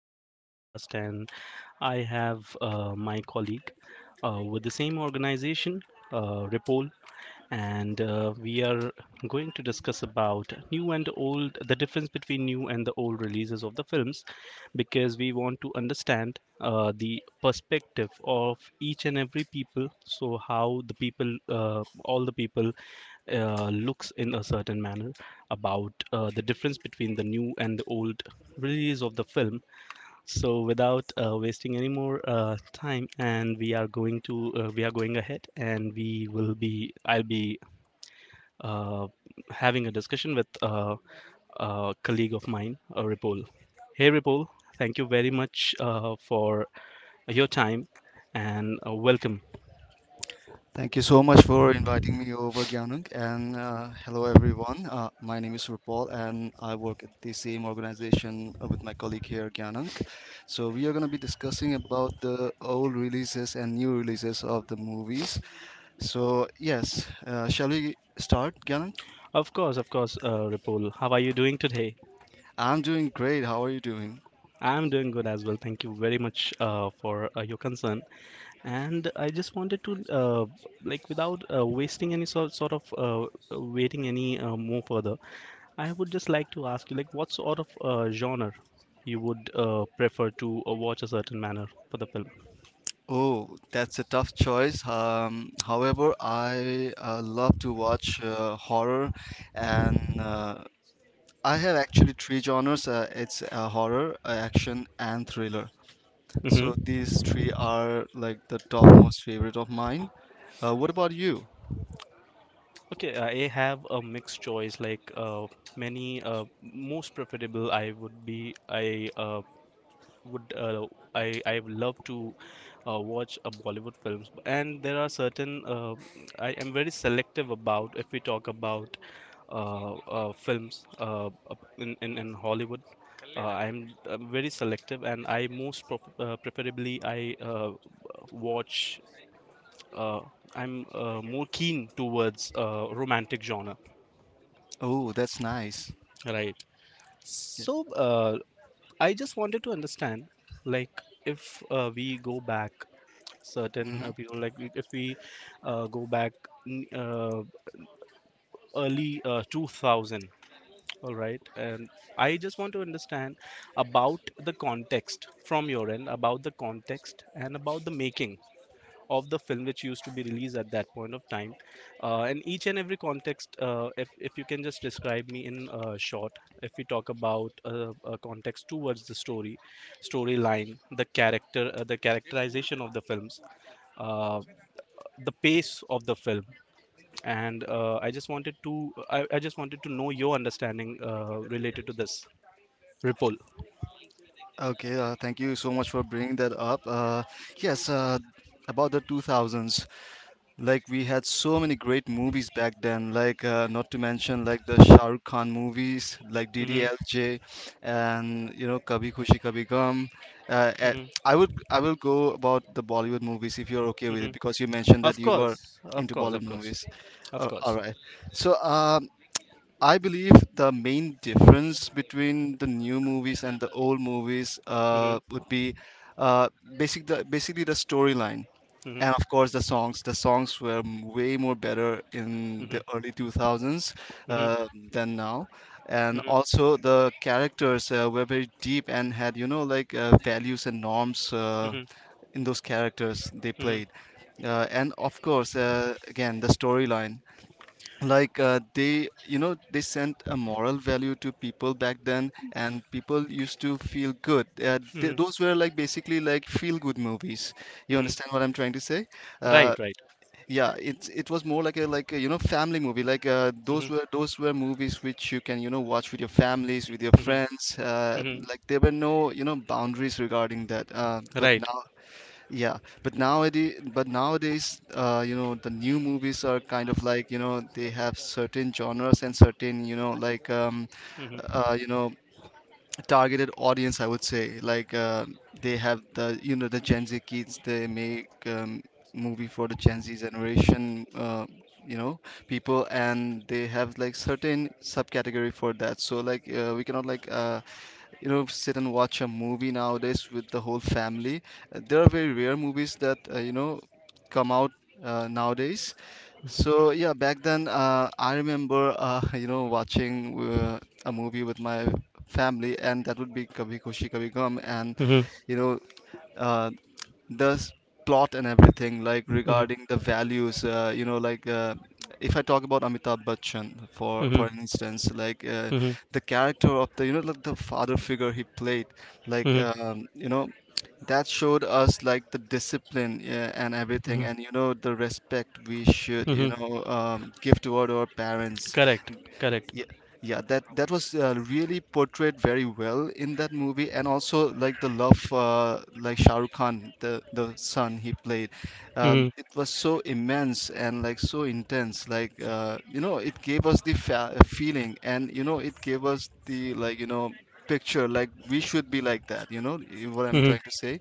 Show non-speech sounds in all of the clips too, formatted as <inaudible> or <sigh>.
the podcast, and I have my colleague with the same organization, Ripple, and we are going to discuss about new and old, the difference between new and the old releases of the films because we want to understand the perspective of each and every people. So how the people, all the people, looks in a certain manner about the difference between the new and the old release of the film. So without wasting any more time, and we are going ahead, and we will be I'll be uh, having a discussion with a colleague of mine, Ripul. Hey, Ripul, thank you very much for your time and welcome. Thank you so much for inviting me over, Gyanung. And Hello, everyone. My name is Rupal, and I work at the same organization with my colleague here, Gyanung. So we are going to be discussing about the old releases and new releases of the movies. So yes, shall we start, Gyanung? Of course, Ripul. How are you doing today? I'm doing great. How are you doing? I'm doing good as well. Thank you very much for your concern. And I just wanted to, like, without wasting any sort of waiting any more further, I would just like to ask you, like, what sort of genre you would prefer to watch a certain manner for the film? Oh, that's a tough choice. However, I love to watch horror and I have actually three genres. It's Horror, action, and thriller. So Hmm. these three are like the top most favorite of mine. What about you? Okay, I have a mixed choice. Like, many most preferable, I would be, I would, I would love to watch a Bollywood films, and there are certain. I am very selective about if we talk about films up in Hollywood. I'm very selective, and I preferably I watch. Uh, I'm more keen towards romantic genre, Oh, that's nice. right? Yeah. So I just wanted to understand, like, if we go back certain Hmm. People, like if we go back n- uh, early 2000. All right. And I just want to understand about the context from your end, about the context and about the making of the film which used to be released at that point of time. And each and every context, if you can just describe me in short, if we talk about a context towards the story, storyline, the character, the characterization of the films, uh, the pace of the film and I just wanted to know your understanding related to this Ripple. Okay, thank you so much for bringing that up. Yes, uh, about the 2000s. Like, we had so many great movies back then, like not to mention, like the Shah Rukh Khan movies like Hmm. DDLJ, and you know, Kabhi Khushi Kabhi Gum. uh, eh, Hmm. I will go about the Bollywood movies if you're okay with Hmm. it, because you mentioned that Of you were course, of into course, of Bollywood course, movies. of Oh, all course. right. So I believe the main difference between the new movies and the old movies Hmm. Would be uh, basically the storyline, Hmm. and of course the songs. The songs were way more better in Hmm. the early 2000s Hmm. uh, than now. And Hmm. also, the characters were very deep and had, you know, like values and norms Hmm. in those characters they played. Hmm. And of course, again, the storyline, like they, you know, they sent a moral value to people back then, and people used to feel good. Hmm. Those were, like, basically like feel good movies. You Hmm. understand what I'm trying to say? uh, Right, right. yeah, it was more like a, like a, you know, family movie, like those Hmm. were, those were movies which you can, you know, watch with your families, with your Hmm. friends, Hmm. like there were no, you know, boundaries regarding that, but Right. now. Yeah, but nowadays, you know, the new movies are kind of like, you know, they have certain genres and certain, you know, like, Hmm. You know, targeted audience, I would say. Like, they have the, you know, the Gen Z kids, they make movie for the Gen Z generation, you know, people, and they have like certain subcategory for that. So like, we cannot, like, you know, sit and watch a movie nowadays with the whole family. There are very rare movies that you know, come out nowadays. So yeah, back then, I remember <laughs> you know, watching a movie with my family, and that would be Kabhi Khushi Kabhi Gham, and Hmm. Hmm. you know, uh, the s- plot and everything, like regarding the values, you know, like, if I talk about Amitabh Bachchan, for Hmm. instance, like, Hmm. the character of the, you know, like the father figure he played, like Hmm. You know, that showed us like the discipline, and everything, and you know, the respect we should, you Hmm. know, give toward our parents. Correct, correct. Yeah, yeah, that that was really portrayed very well in that movie. And also, like the love, like Shah Rukh Khan, the son he played, Hmm. it was so immense and like so intense. Like, you know, it gave us the feeling, and you know, it gave us the, like, you know, picture like we should be like that. You know, what I'm Hmm. trying to say.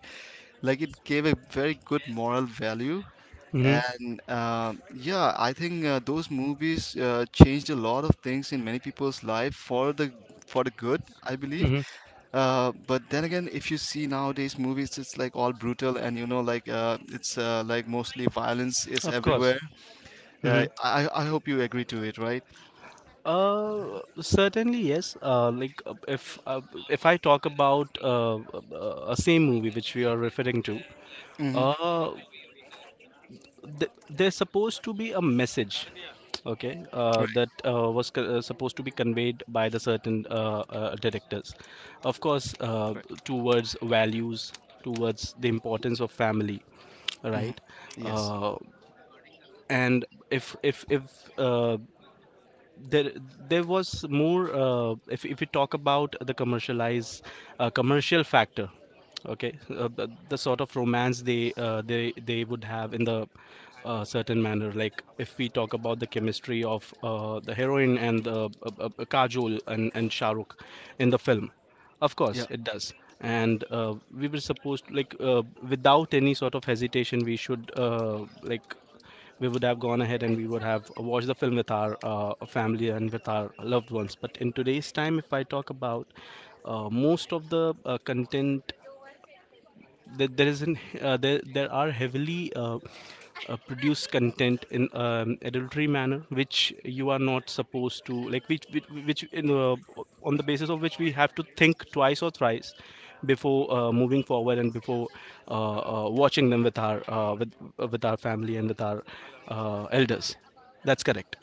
Like, it gave a very good moral value. Hmm. And Yeah, I think those movies changed a lot of things in many people's life for the, for the good, I believe. Hmm. But then again, if you see nowadays movies, it's like all brutal and you know, like it's like mostly violence is Of course. everywhere. Uh, Hmm. I I hope you agree to it, right? Certainly yes. Like if I talk about a same movie which we are referring to, Mm-hmm. uh, there's supposed to be a message, okay, that Right, supposed to be conveyed by the certain directors. Of course, right. towards values, towards the importance of family, Mm-hmm. right? Yes. Uh, and if there there was more if we talk about the commercial factor, okay, the sort of romance they would have in the certain manner, like if we talk about the chemistry of the heroine and the Kajol and Shah Rukh in the film. Of course Yeah. it does. And we were supposed to, like, without any sort of hesitation we should, like, we would have gone ahead and we would have watched the film with our family and with our loved ones. But in today's time, if I talk about most of the content, there is an there are heavily produced content in adultery manner, which you are not supposed to, like, which in, on the basis of which we have to think twice or thrice before moving forward and before watching them with our with our family and with our elders. That's correct.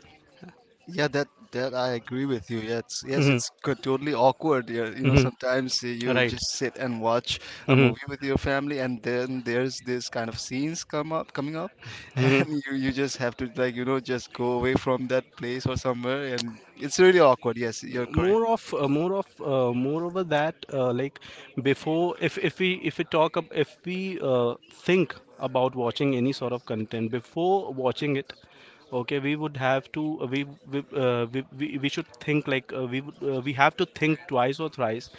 Yeah, that that I agree with you. Yeah, it's yes, Hmm. it's co- totally awkward. Yeah, you know, Hmm. sometimes you Right. just sit and watch a Hmm. movie with your family, and then there's this kind of scenes coming up, <laughs> Hmm. and you just have to, like, you know, just go away from that place or somewhere, and it's really awkward. Yes, you're correct. Moreover that, like, before, if we think about watching any sort of content before watching it, okay, we would have to, we should think, like, we would, we have to think twice or thrice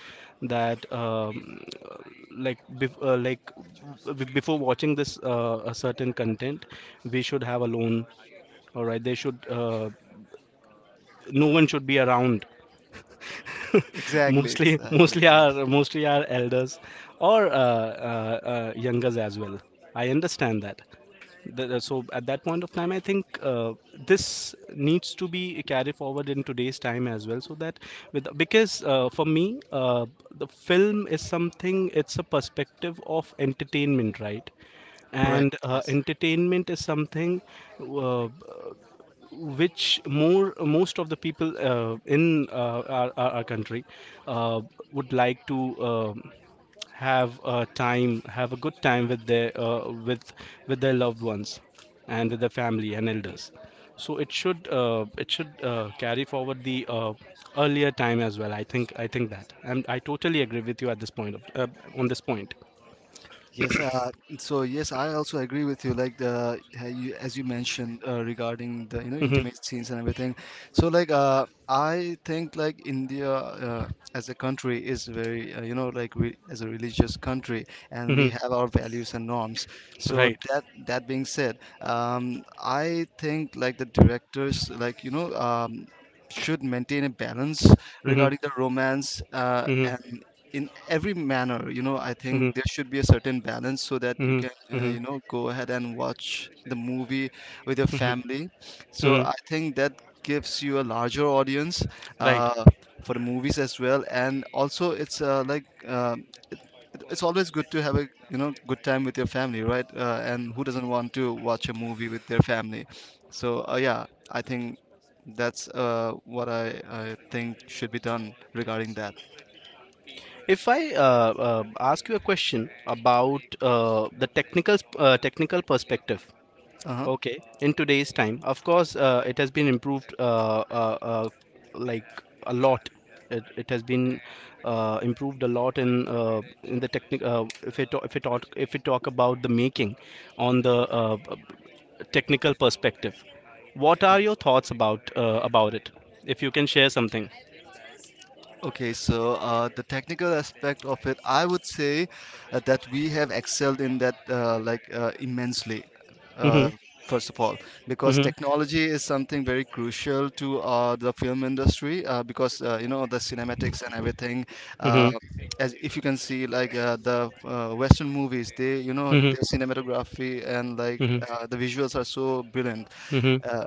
that uh, like before watching this a certain content. We should have a loan. All right. They should, no one should be around. <laughs> Exactly, mostly exactly. mostly Yes, our mostly our elders, or youngers as well. I understand that. So at that point of time I think this needs to be carried forward in today's time as well, so that, with, because for me, uh, the film is something. It's a perspective of entertainment, right? correct. And Yes. entertainment is something uh, which more most of the people in our country uh, would like to um have a good time with their with their loved ones and with their family and elders. So it should, it should, carry forward the earlier time as well. I think that, and I totally agree with you at this point of, on this point. Yes, so yes, I also agree with you. Like the you, as you mentioned regarding the, you know, Mhm. intimate scenes and everything. So like, I think like India as a country is very you know, like, re as a religious country, and we Mhm. have our values and norms. So Right. that that being said, I think like the directors, like, you know, should maintain a balance Mhm. regarding the romance, Mhm. and in every manner, you know, I Mhm. think there should be a certain balance, so that you Mhm. can, Mhm. you know, go ahead and watch the movie with your Mhm. family. So Mhm. I think that gives you a larger audience Right. uh, for the movies as well. And also, it's it's always good to have a, you know, good time with your family, right? And who doesn't want to watch a movie with their family? So yeah, I think that's what I think should be done regarding that. If I ask you a question about the technical perspective, Uh-huh. okay, in today's time, of course, it has been improved like a lot. It has been improved a lot in, in the technical. If we talk about the making, on the technical perspective, what are your thoughts about, about it? If you can share something. Okay, so the technical aspect of it, I would say that we have excelled in that, immensely. Uh, Hmm. First of all, because Hmm. technology is something very crucial to the film industry, because you know, the cinematics and everything. Uh, Hmm. as if you can see, like, the Western movies, they, you know, Hmm. their cinematography and, like, Hmm. The visuals are so brilliant. Hmm. Uh,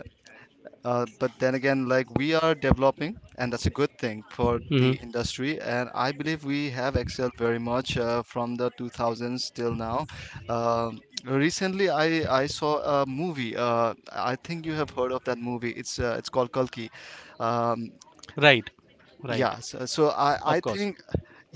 but then again, like, we are developing, and that's a good thing for the Hmm. industry. And I believe we have excelled very much from the 2000s till now. Recently, I saw a movie. I think you have heard of that movie. It's called Kalki. Um, Right. Right. yeah. So I Of course. think.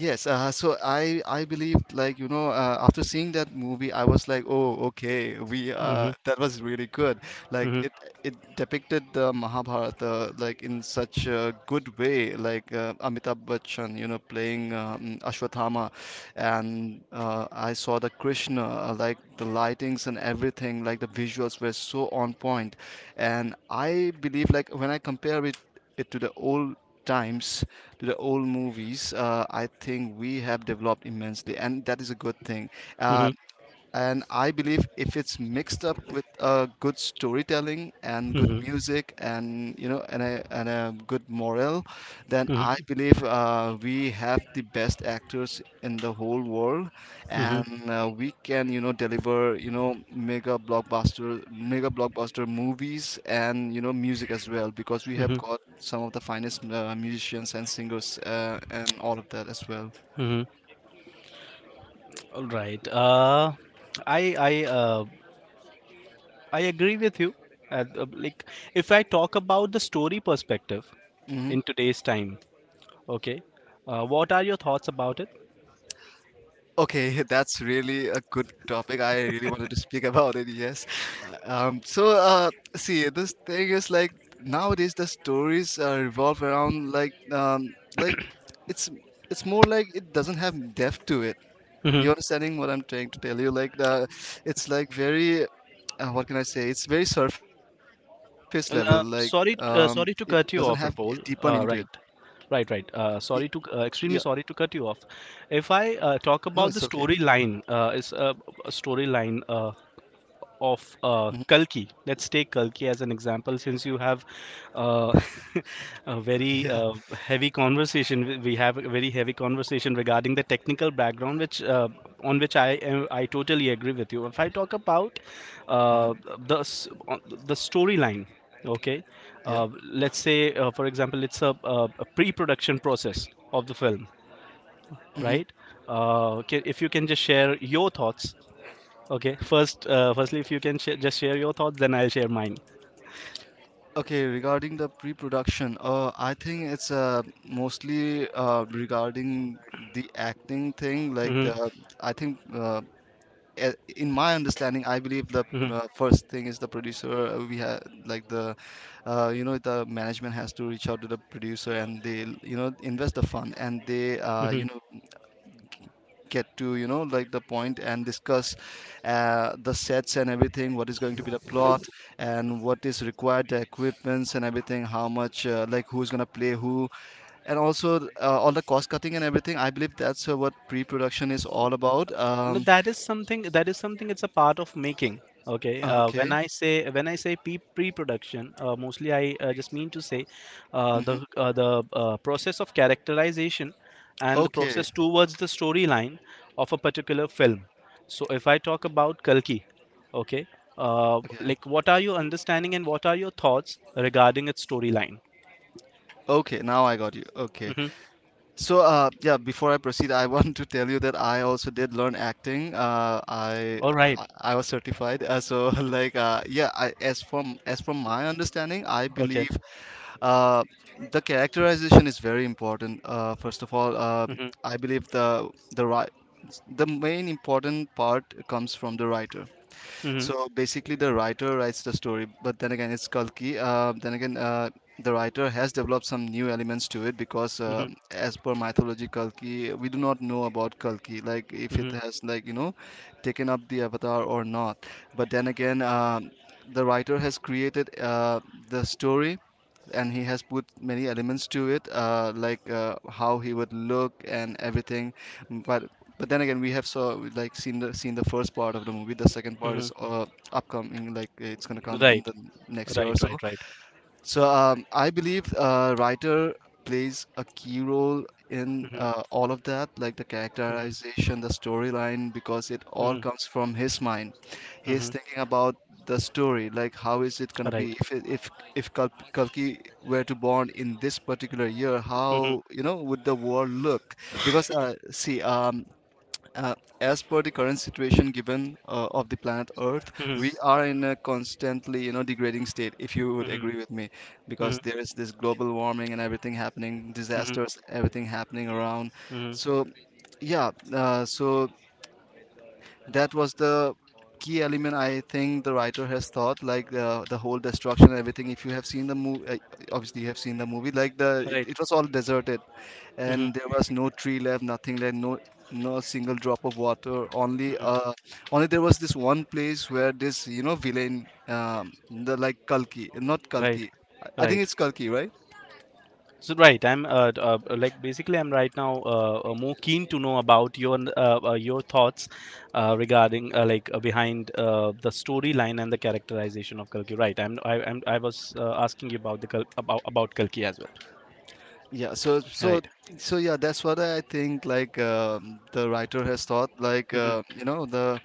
Yes, so I believed, like, you know, after seeing that movie, I was like, oh, okay, we Mm-hmm. That was really good. Like, Mm-hmm. It depicted the Mahabharata like in such a good way. Like, Amitabh Bachchan, you know, playing, Ashwathama, and I saw the Krishna, like the lightings and everything, like the visuals were so on point. And I believe, like, when I compare it to the old times, to the old movies, I think we have developed immensely, and that is a good thing. Uh, Mm-hmm. and I believe if it's mixed up with good storytelling and good Mm-hmm. music, and you know, and a good morale, then Mm-hmm. I Mm-hmm. believe we have the best actors in the whole world, and we can, you know, deliver, you know, mega blockbuster movies, and you know, music as well, because we have Mm-hmm. got some of the finest musicians and singers, and all of that as well. Mm-hmm. Hmm. All right. I I uh, I agree with you. At, like, if I talk about the story perspective Mm-hmm. in today's time, okay, what are your thoughts about Okay, <laughs> that's really a good topic. I really wanted to speak about it, yes. See, this thing is like, nowadays, the stories revolve around, like, it's it's more like it doesn't have depth to it. You it? understanding what I'm trying to tell you? It's like very what can I say? It's very surface level. Like, it Sorry, doesn't have sorry a to cut deeper you off, meaning to it. Rapol. Right, right, Y- right. Sorry yeah. to, extremely sorry to cut you off. If I No, no, it's talk okay. about the storyline, is a storyline. Of Hmm. Kalki. Let's take Kalki as an example, since you have uh, <laughs> a <laughs> Yeah. very heavy conversation. We have a very heavy conversation regarding the technical background, which, on which I totally agree with you. If I talk about Hmm. uh, the s- on- the storyline, okay, Yeah. Let's say for example, it's a pre-production process of the film, Mm-hmm. right? If you can just share your thoughts. Okay. Firstly, if you can just share your thoughts, then I'll share mine. Okay, regarding the pre-production, I think it's mostly regarding the acting thing. Mm-hmm. I think in my understanding, I believe the Mm-hmm. First thing is the producer. We have like the, you know, the management has to reach out to the producer, and they, you know, invest the fund, and they, Mm-hmm. you know, get to, you know, like, the point, and discuss the sets and everything, what is going to be the plot, and what is required, the equipments, and everything, how much, like, who's going to play who, and also all the cost cutting and everything. I believe that's what pre-production is all about. No, that is something. That is something. It's a part of making. Okay. Okay. When I say pre-production, mostly I just mean to say the Hmm. Process of characterization and the okay process towards the storyline of a particular film. So if I talk about Kalki, okay, okay, like what are your understanding and what are your thoughts regarding its storyline? okay, now I got you. Okay. Mm-hmm. So, yeah, before I proceed, I <laughs> want to tell you that I also did learn acting. All right. I was certified. So, <laughs> like, yeah, I, as from my understanding, I Okay. believe uh, the characterization is very important. First of all, Mhm. I believe the right the main important part comes from the writer. Mhm. So basically, the writer writes the story, but then again, it's Kalki. Then again, the writer has developed some new elements to it because Mhm. as per mythology, Kalki, we do not know about Kalki, like if it Mhm. has taken up the avatar or not. But then again, the writer has created the story, and he has put many elements to it, like how he would look and everything. Mm, But but then again, we have seen the first part of the movie. The second part Mhm. is upcoming, like it's gonna come in Right. the next year or Right. so. Right. Right. So I believe writer plays a key role in Mhm. All of that, like the Mhm. characterization, the storyline, because it all Mhm. comes from his mind. He's Mhm. thinking about the story, like how is it gonna be Right. if it- if Kal- Kalki were to born in this particular year, Mhm. how would the world look? Because See, uh, as per the current situation given of the planet Earth, Mhm. we are in a constantly, you know, degrading state, if you would Mhm. agree with me, because Mhm. there is this global warming and everything happening, Mhm. disasters, everything happening around. Mhm. So yeah, so that was the key element I think the writer has thought, like the whole destruction and everything. If you have seen the movie, obviously you have seen the movie, like the it, Right. it was all deserted, Mhm. and there was no tree left, nothing left, no no single drop of water. Only Mhm. uh, only there was this one place where this villain, the like Kalki, not Right. Kalki. I think Right. it's Kalki, right? So right, I'm like basically I'm right now more keen to know about your thoughts regarding like behind the storyline and the characterization of Kalki. Right, I was asking you about about Kalki as well. Yeah. So so Right. so yeah, that's what I think. Like the writer has thought, like Mhm. The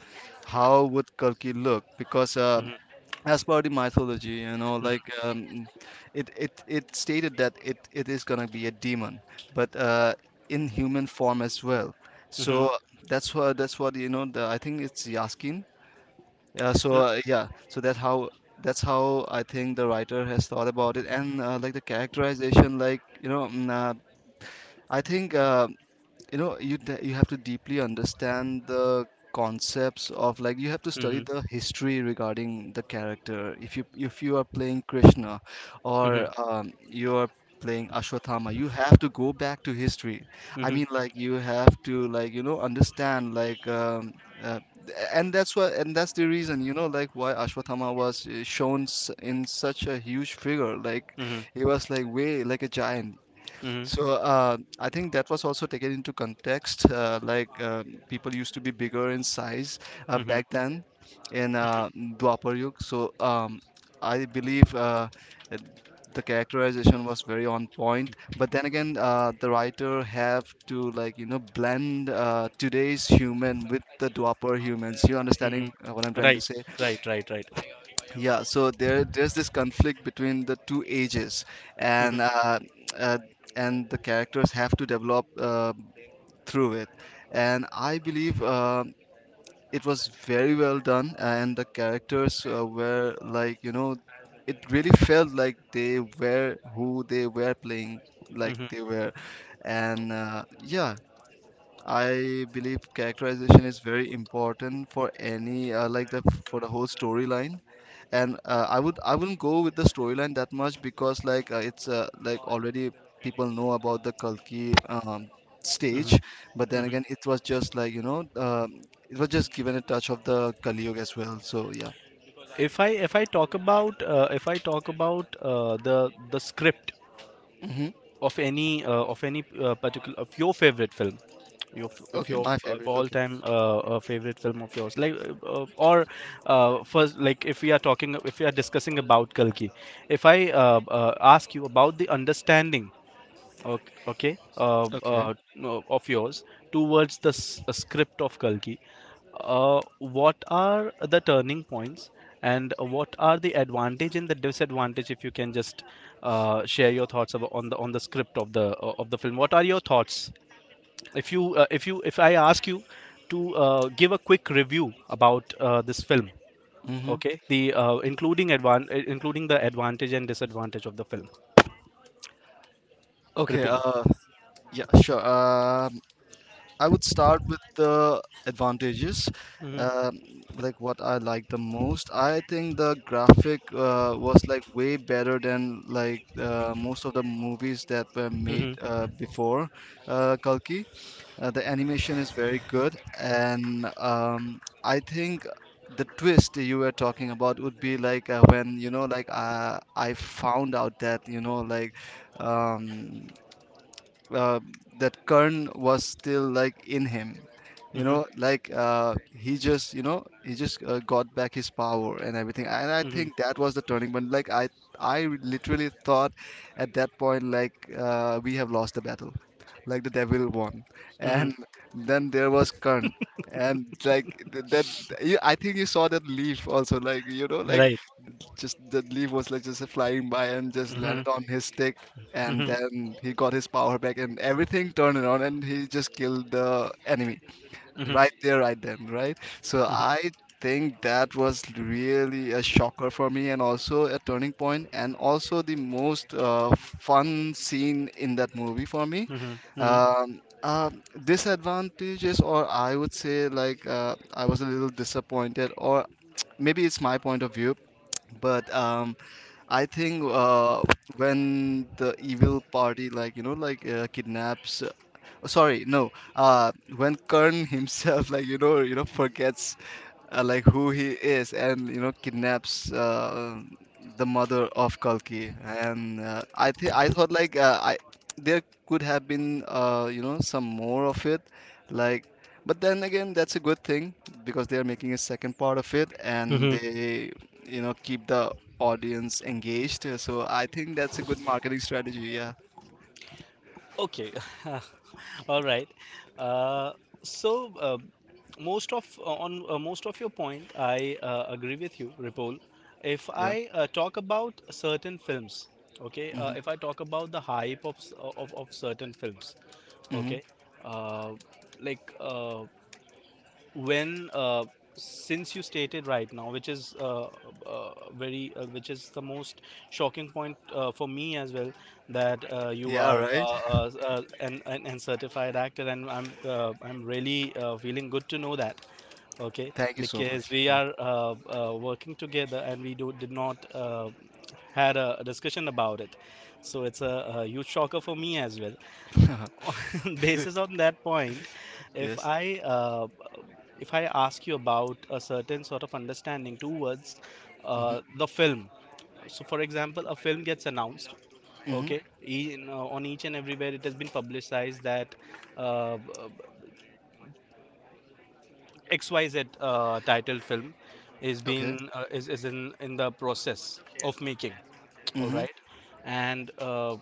how would Kalki look? Because Mhm. as per the mythology, Mhm. It, it stated that it is gonna be a demon, but in human form as well. Mhm. So that's what I think it's Yaskin. Yeah, so R- yeah, so that's how I think the writer has thought about it. And like the characterization, I think you know, you have to deeply understand the concepts. Of like you have to study Mhm. the history regarding the character. If you are playing Krishna, Mhm. or you are playing Ashwathama, you have to go back to history. I Mhm. mean, like you have to understand, like uh, and that's why, and that's the reason, you know, like why Ashwathama was shown in such a huge figure, like Mhm. he was like way like a giant. Mhm. So I think that was also taken into context. People used to be bigger in size Mhm. back then in Dwapar Yug. So I believe uh, the characterization was very on point. But then again, the writer have to blend today's human with the Dwapar humans. You Mhm. understanding what I'm trying to Right. say? Right. Right. Right. Yeah, so there's this conflict between the two ages, Mhm. and uh, uh, and the characters have to develop through it. And I believe it was very well done, and the characters were, like you know, it really felt like they were who they were playing, like Mhm. they were, and yeah. I believe characterization is very important for any like the for the whole storyline. And I wouldn't go with the storyline that much, because like already people know about the Kalki stage, Mhm. but then Mhm. again it was just it was just given a touch of the Kali Yuga as well. So yeah. If I talk about the script Hmm. of any, of any particular, of your favorite film, if Okay, your my favorite. Okay. all-time favorite film of yours, like or first, like if we are discussing about Kalki, if I ask you about the understanding. Okay, okay, Okay. No, of yours towards the script of Kalki. What are the turning points, and what are the advantage and the disadvantage? If you can just share your thoughts about, on the script of the film. What are your thoughts? If I ask you to give a quick review about this film, Hmm. okay, including the advantage and disadvantage of the film. Okay. Ripul. Yeah, sure. I would start with the advantages, hmm um, like what I like the most. I think the graphic was like way better than like most of the movies that were made hmm before Kalki. The animation is very good, and I think the twist you were talking about would be like when you know, like I found out that you know, like um, uh, that Karn was still like in him. You know, like he just, you know, he just got back his power and everything. And I hmm think that was the turning point. I literally thought at that point, like we have lost the battle, like the devil won. Mhm. And then there was Karn, and that. You, I think you saw that leaf also, like you know, like Right. just the leaf was like just flying by and just Mhm. landed on his stick, and Mhm. then he got his power back and everything turned around, and he just killed the enemy Mhm. right there, right then, right? So Mhm. I think that was really a shocker for me, and also a turning point, and also the most fun scene in that movie for me. Mhm. Mhm. Disadvantages, or I would say, like I was a little disappointed, or <tsk> maybe it's my point of view, but I think when the evil party, like you know, like kidnaps. Sorry, no. When Kern <laughs> himself, like you know, forgets like who he is, and you know, kidnaps the mother of Kalki, and I think I thought like I there could have been you know, some more of it, like, but then again, that's a good thing, because they are making a second part of it, and Mhm. they, you know, keep the audience engaged. So I think that's a good marketing strategy. Yeah. Okay. <laughs> All right. Uh, so uh, Most of on most of your point, I agree with you, Ripple. If Yeah. I talk about certain films, okay, Hmm. if I talk about the hype of of certain films, Hmm. okay, uh, like when since you stated right now, which is very which is the most shocking point for me as well, that you Yeah, are uh, right. uh, uh, an, an, an certified actor, and I'm really feeling good to know that, okay, Thank you so because much. we are working together and we do did not had a discussion about it. So it's a huge shocker for me as well. Yeah. <laughs> Basis on that point, <laughs> if Yes. i uh, if I ask you about a certain sort of understanding towards Hmm. The film. So for example, a film gets announced, Hmm. okay, on each and everywhere it has been publicized that uh, uh, XYZ titled film is Okay. being is in the process of making. All Hmm. right. And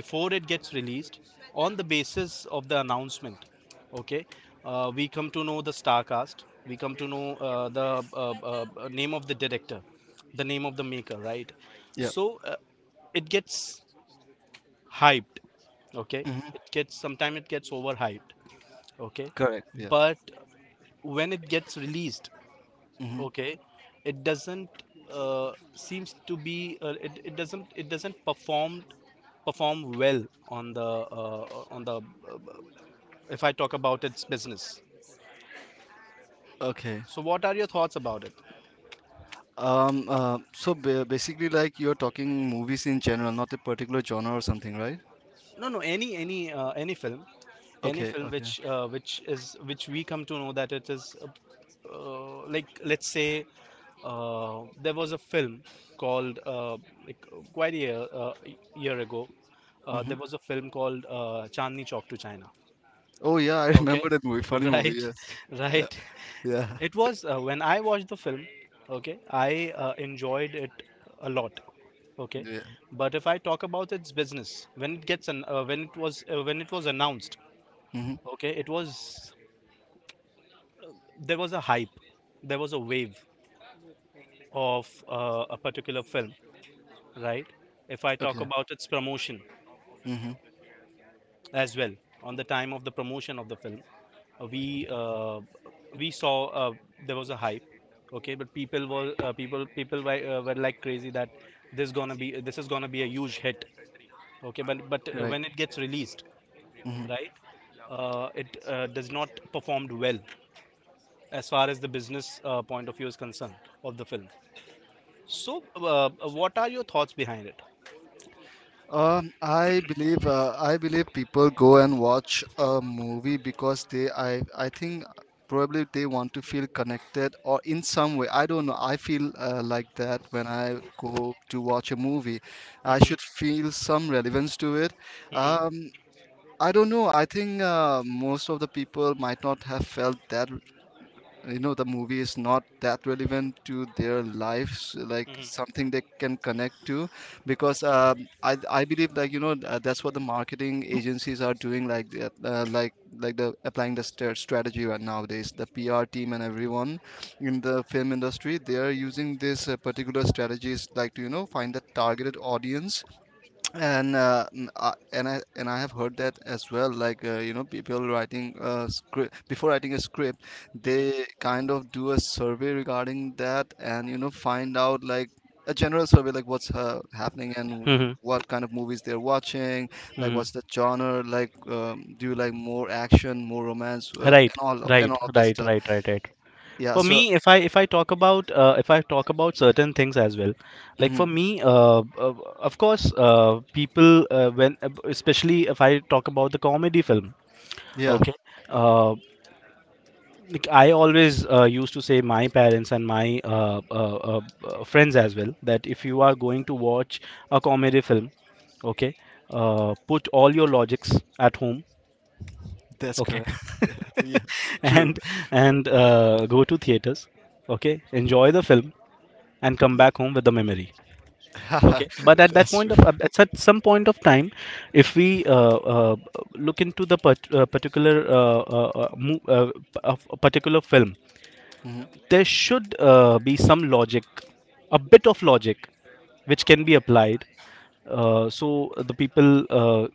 before it gets released, on the basis of the announcement, okay, we come to know the star cast, we come to know the name of the director, the name of the maker, right? Yeah. So it gets hyped, okay, Mm-hmm. it gets sometimes it gets overhyped, okay, Correct. Yeah. but when it gets released, Mm-hmm. okay, it doesn't seems to be it doesn't, it doesn't perform well on the if I talk about its business. Okay. So what are your thoughts about it? So basically, like you're talking movies in general, not a particular genre or something, right? No, no, any any film, any Okay. film Okay. Which is which we come to know that it is like let's say there was a film called quite a year ago Mm-hmm. there was a film called Chandni Chowk to China. Oh yeah, I <laughs> Okay, remember that movie. Funny movie. right, Yes. <laughs> Yeah. right. Yeah. It was when I watched the film. Okay, I enjoyed it a lot. Okay, Yeah. but if I talk about its business, when it gets an, when it was announced. Mm-hmm. Okay, it was there was a hype, there was a wave of a particular film. Right. If I talk Okay. about its promotion Mm-hmm. as well, on the time of the promotion of the film uh, we uh, we saw there was a hype, okay, but people were like crazy that this is gonna be a huge hit, okay, but Right. when it gets released, Mm-hmm. right, it does not performed well as far as the business point of view is concerned of the film. So what are your thoughts behind it? I believe people go and watch a movie because they I think probably they want to feel connected or in some way. I don't know. I feel like that when I go to watch a movie. I Mhm, should feel some relevance to it. mhm, Um, I don't know. I think most of the people might not have felt that you know, the movie is not that relevant to their lives, like mhm, something they can connect to, because I believe, like you know, that's what the marketing agencies are doing, like the applying the strategy right nowadays, the PR team and everyone in the film industry. They are using this particular strategies, like to you know, find the targeted audience. And and I have heard that as well. Like you know, people writing a script, before writing a script, mhm. they kind of do a survey regarding that, and you know, find out like a general survey, like what's happening and Mhm, what kind of movies they're watching, like mhm. what's the genre, like do you like more action, more romance, Right, and right, all of this right, stuff. right, right, right. Yeah. For me, So if I talk about certain things as well, like mhm, for me of course people when especially if I talk about the comedy film, yeah, okay, uh, like I always used to say my parents and my friends as well that if you are going to watch a comedy film, okay, put all your logics at home, that's okay, correct. <laughs> Yeah. Yeah. <laughs> True. and Yeah. Go to theaters, okay, enjoy the film, and come back home with the memory, Yeah. okay. But <laughs> at that That's point of true. at such- some point of time, if we look into the particular uh, uh, uh, mo- uh, of a particular film, Mhm. there should be some logic, a bit of logic which can be applied, so the people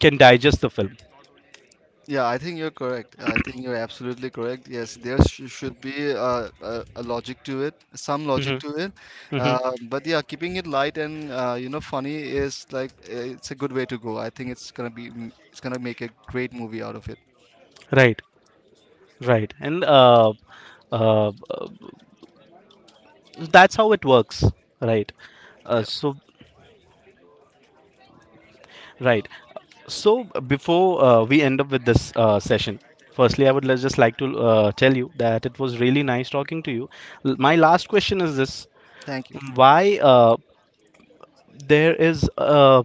can digest the film. Yeah, I think you're correct. I think you're absolutely correct. Yes, there sh should be a logic to it, some logic hmm to it. hmm But yeah, keeping it light and you know, funny is like it's a good way to go. I think it's gonna make a great movie out of it. right, right, and uh, uh, that's how it works, right? uh, Yeah. so Right. So before we end up with this session, firstly, I would just like to tell you that it was really nice talking to you. My last question is this: Thank you. Thank you. Why there is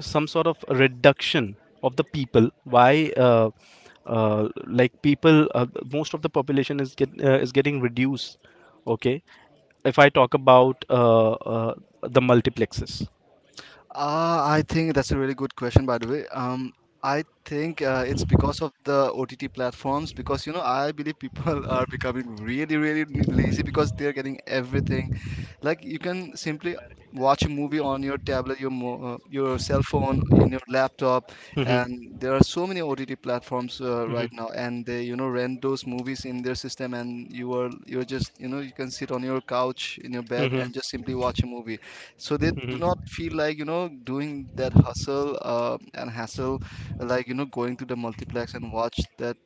some sort of reduction of the people? Why? Like people, most of the population is is getting reduced. Okay, if I talk about the multiplexes. I think that's a really good question, by the way. I think it's because of the OTT platforms, because you know, I believe people <laughs> are becoming really, lazy, because they're getting everything. Like you can simply watch a movie on your tablet, your cell phone, in your laptop. hmm And there are so many OTT platforms hmm right now, and they, you know, rent those movies in their system, and you're just, you know, you can sit on your couch, in your bed, hmm and just simply watch a movie. So they do not hmm feel like, you know, doing that hustle and hassle, like you know, going to the multiplex and watch that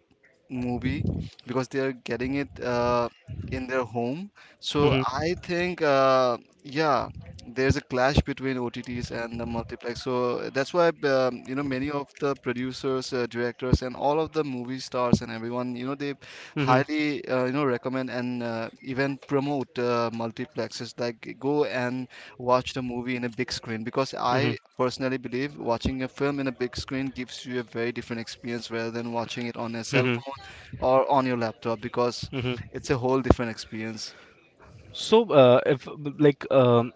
movie, because they are getting it in their home. So hmm I think, yeah, there's a clash between OTTs and the multiplex. So that's why, you know, many of the producers, directors, and all of the movie stars and everyone, you know, they hmm highly, you know, recommend and even promote multiplexes. Like go and watch the movie in a big screen, because Mhm, I personally believe watching a film in a big screen gives you a very different experience, rather than watching it on a cell mhm, phone or on your laptop, because mhm. it's a whole different experience. So, if, like,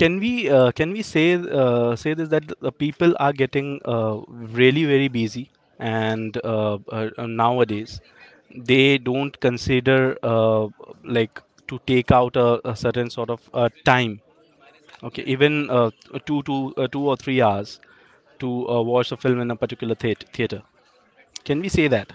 can we say this that the people are getting really very busy, and nowadays they don't consider uh, like to take out a certain sort of time, okay, even 2 or 3 hours to watch a film in a particular theater. Can we say that?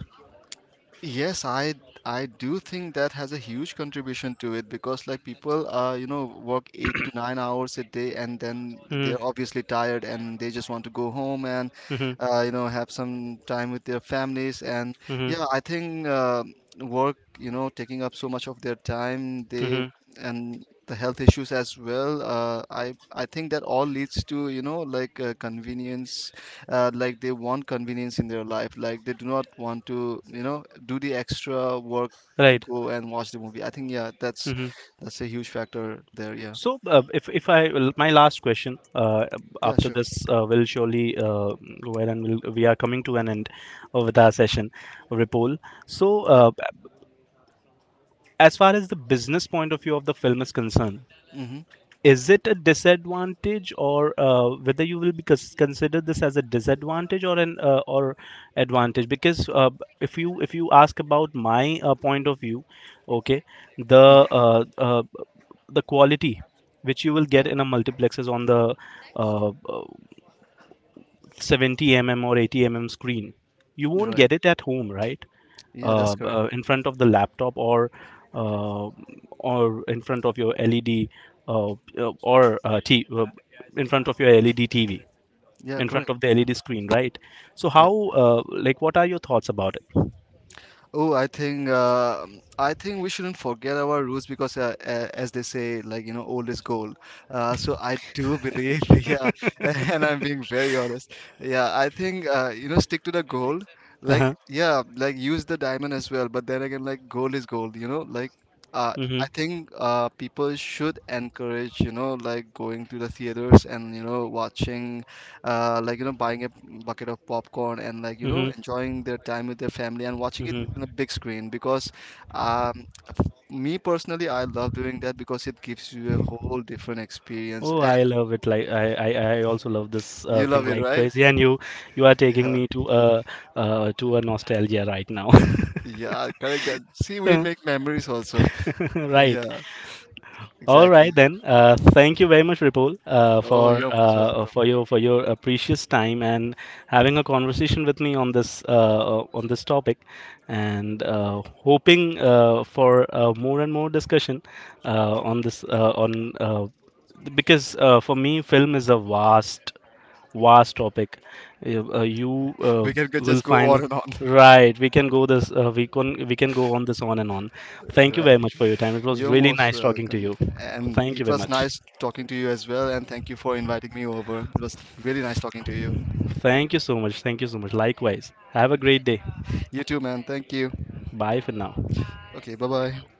Yes, I do think that has a huge contribution to it, because like people you know, work 8 to 9 hours a day, and then they're Mm-hmm, obviously tired, and they just want to go home and mm-hmm, you know, have some time with their families. And mm-hmm, yeah, I think work, you know, taking up so much of their time, they mm-hmm. and the health issues as well. I think that all leads to, you know, like convenience. Like they want convenience in their life, like they do not want to, you know, do the extra work to Right. go and watch the movie. I think, yeah, that's a huge factor there. Yeah. So, if my last question Yeah, after sure. this will surely go ahead and we are coming to an end with Okay. our session, Ripple. So, Yep. As far as the business point of view of the film is concerned, Mm-hmm, is it a disadvantage, or whether you will be consider this as a disadvantage or an or advantage? Because if you, if you ask about my point of view, okay, mm-hmm. the uh, uh, the quality which you will get Yeah, in a multiplex is on the uh, uh, 70 mm or 80 mm screen. You won't right. get it at home, right? Yeah, that's correct. In front of the laptop, uh, or in front of your LED uh, uh, or uh, t- uh, in front of your LED TV, Yeah, in front correct. of the Yeah. LED screen, right? So Yeah. how like what are your thoughts about it? Oh, I think we shouldn't forget our roots, because, as they say, like you know, old is gold. So I do believe, <laughs> yeah, <laughs> and I'm being very honest. Yeah, I think you know, stick to the gold. Like Uh-huh. yeah, like use the diamond as well. But then again, like gold is gold. You know, like uh, I Mm-hmm. think people should encourage, you know, like going to the theaters and you know, watching like you know, buying a bucket of popcorn, and like you know, Mm-hmm. enjoying their time with their family, and watching it on Mm-hmm. a big screen, because um, me personally, I love doing that, because it gives you a whole different experience. Oh, And I love it. Like I also love this you thing love it, like right? crazy, and you are <laughs> taking Yeah. me to a nostalgia right now. Yeah, correct, that, see, we make <laughs> memories also. <laughs> <laughs> Right. Yeah, All exactly. right then. Thank you very much, Ripul, Oh, for you're most welcome. For your precious time and having a conversation with me on this topic, and hoping for more and more discussion on this on because for me, film is a vast topic. You We can will just go find on and on. right. We can go this. We can, we can go on this on and on. <laughs> Thank you Right. very much for your time. It was You're really most nice talking to welcome, you. and Thank you it very was much. nice talking to you as well, and thank you for inviting me over. It was really nice talking to you. Thank you so much. Thank you so much. Likewise. Right. Have a great day. You really too, man. Thank you. Bye for now. Okay, bye bye.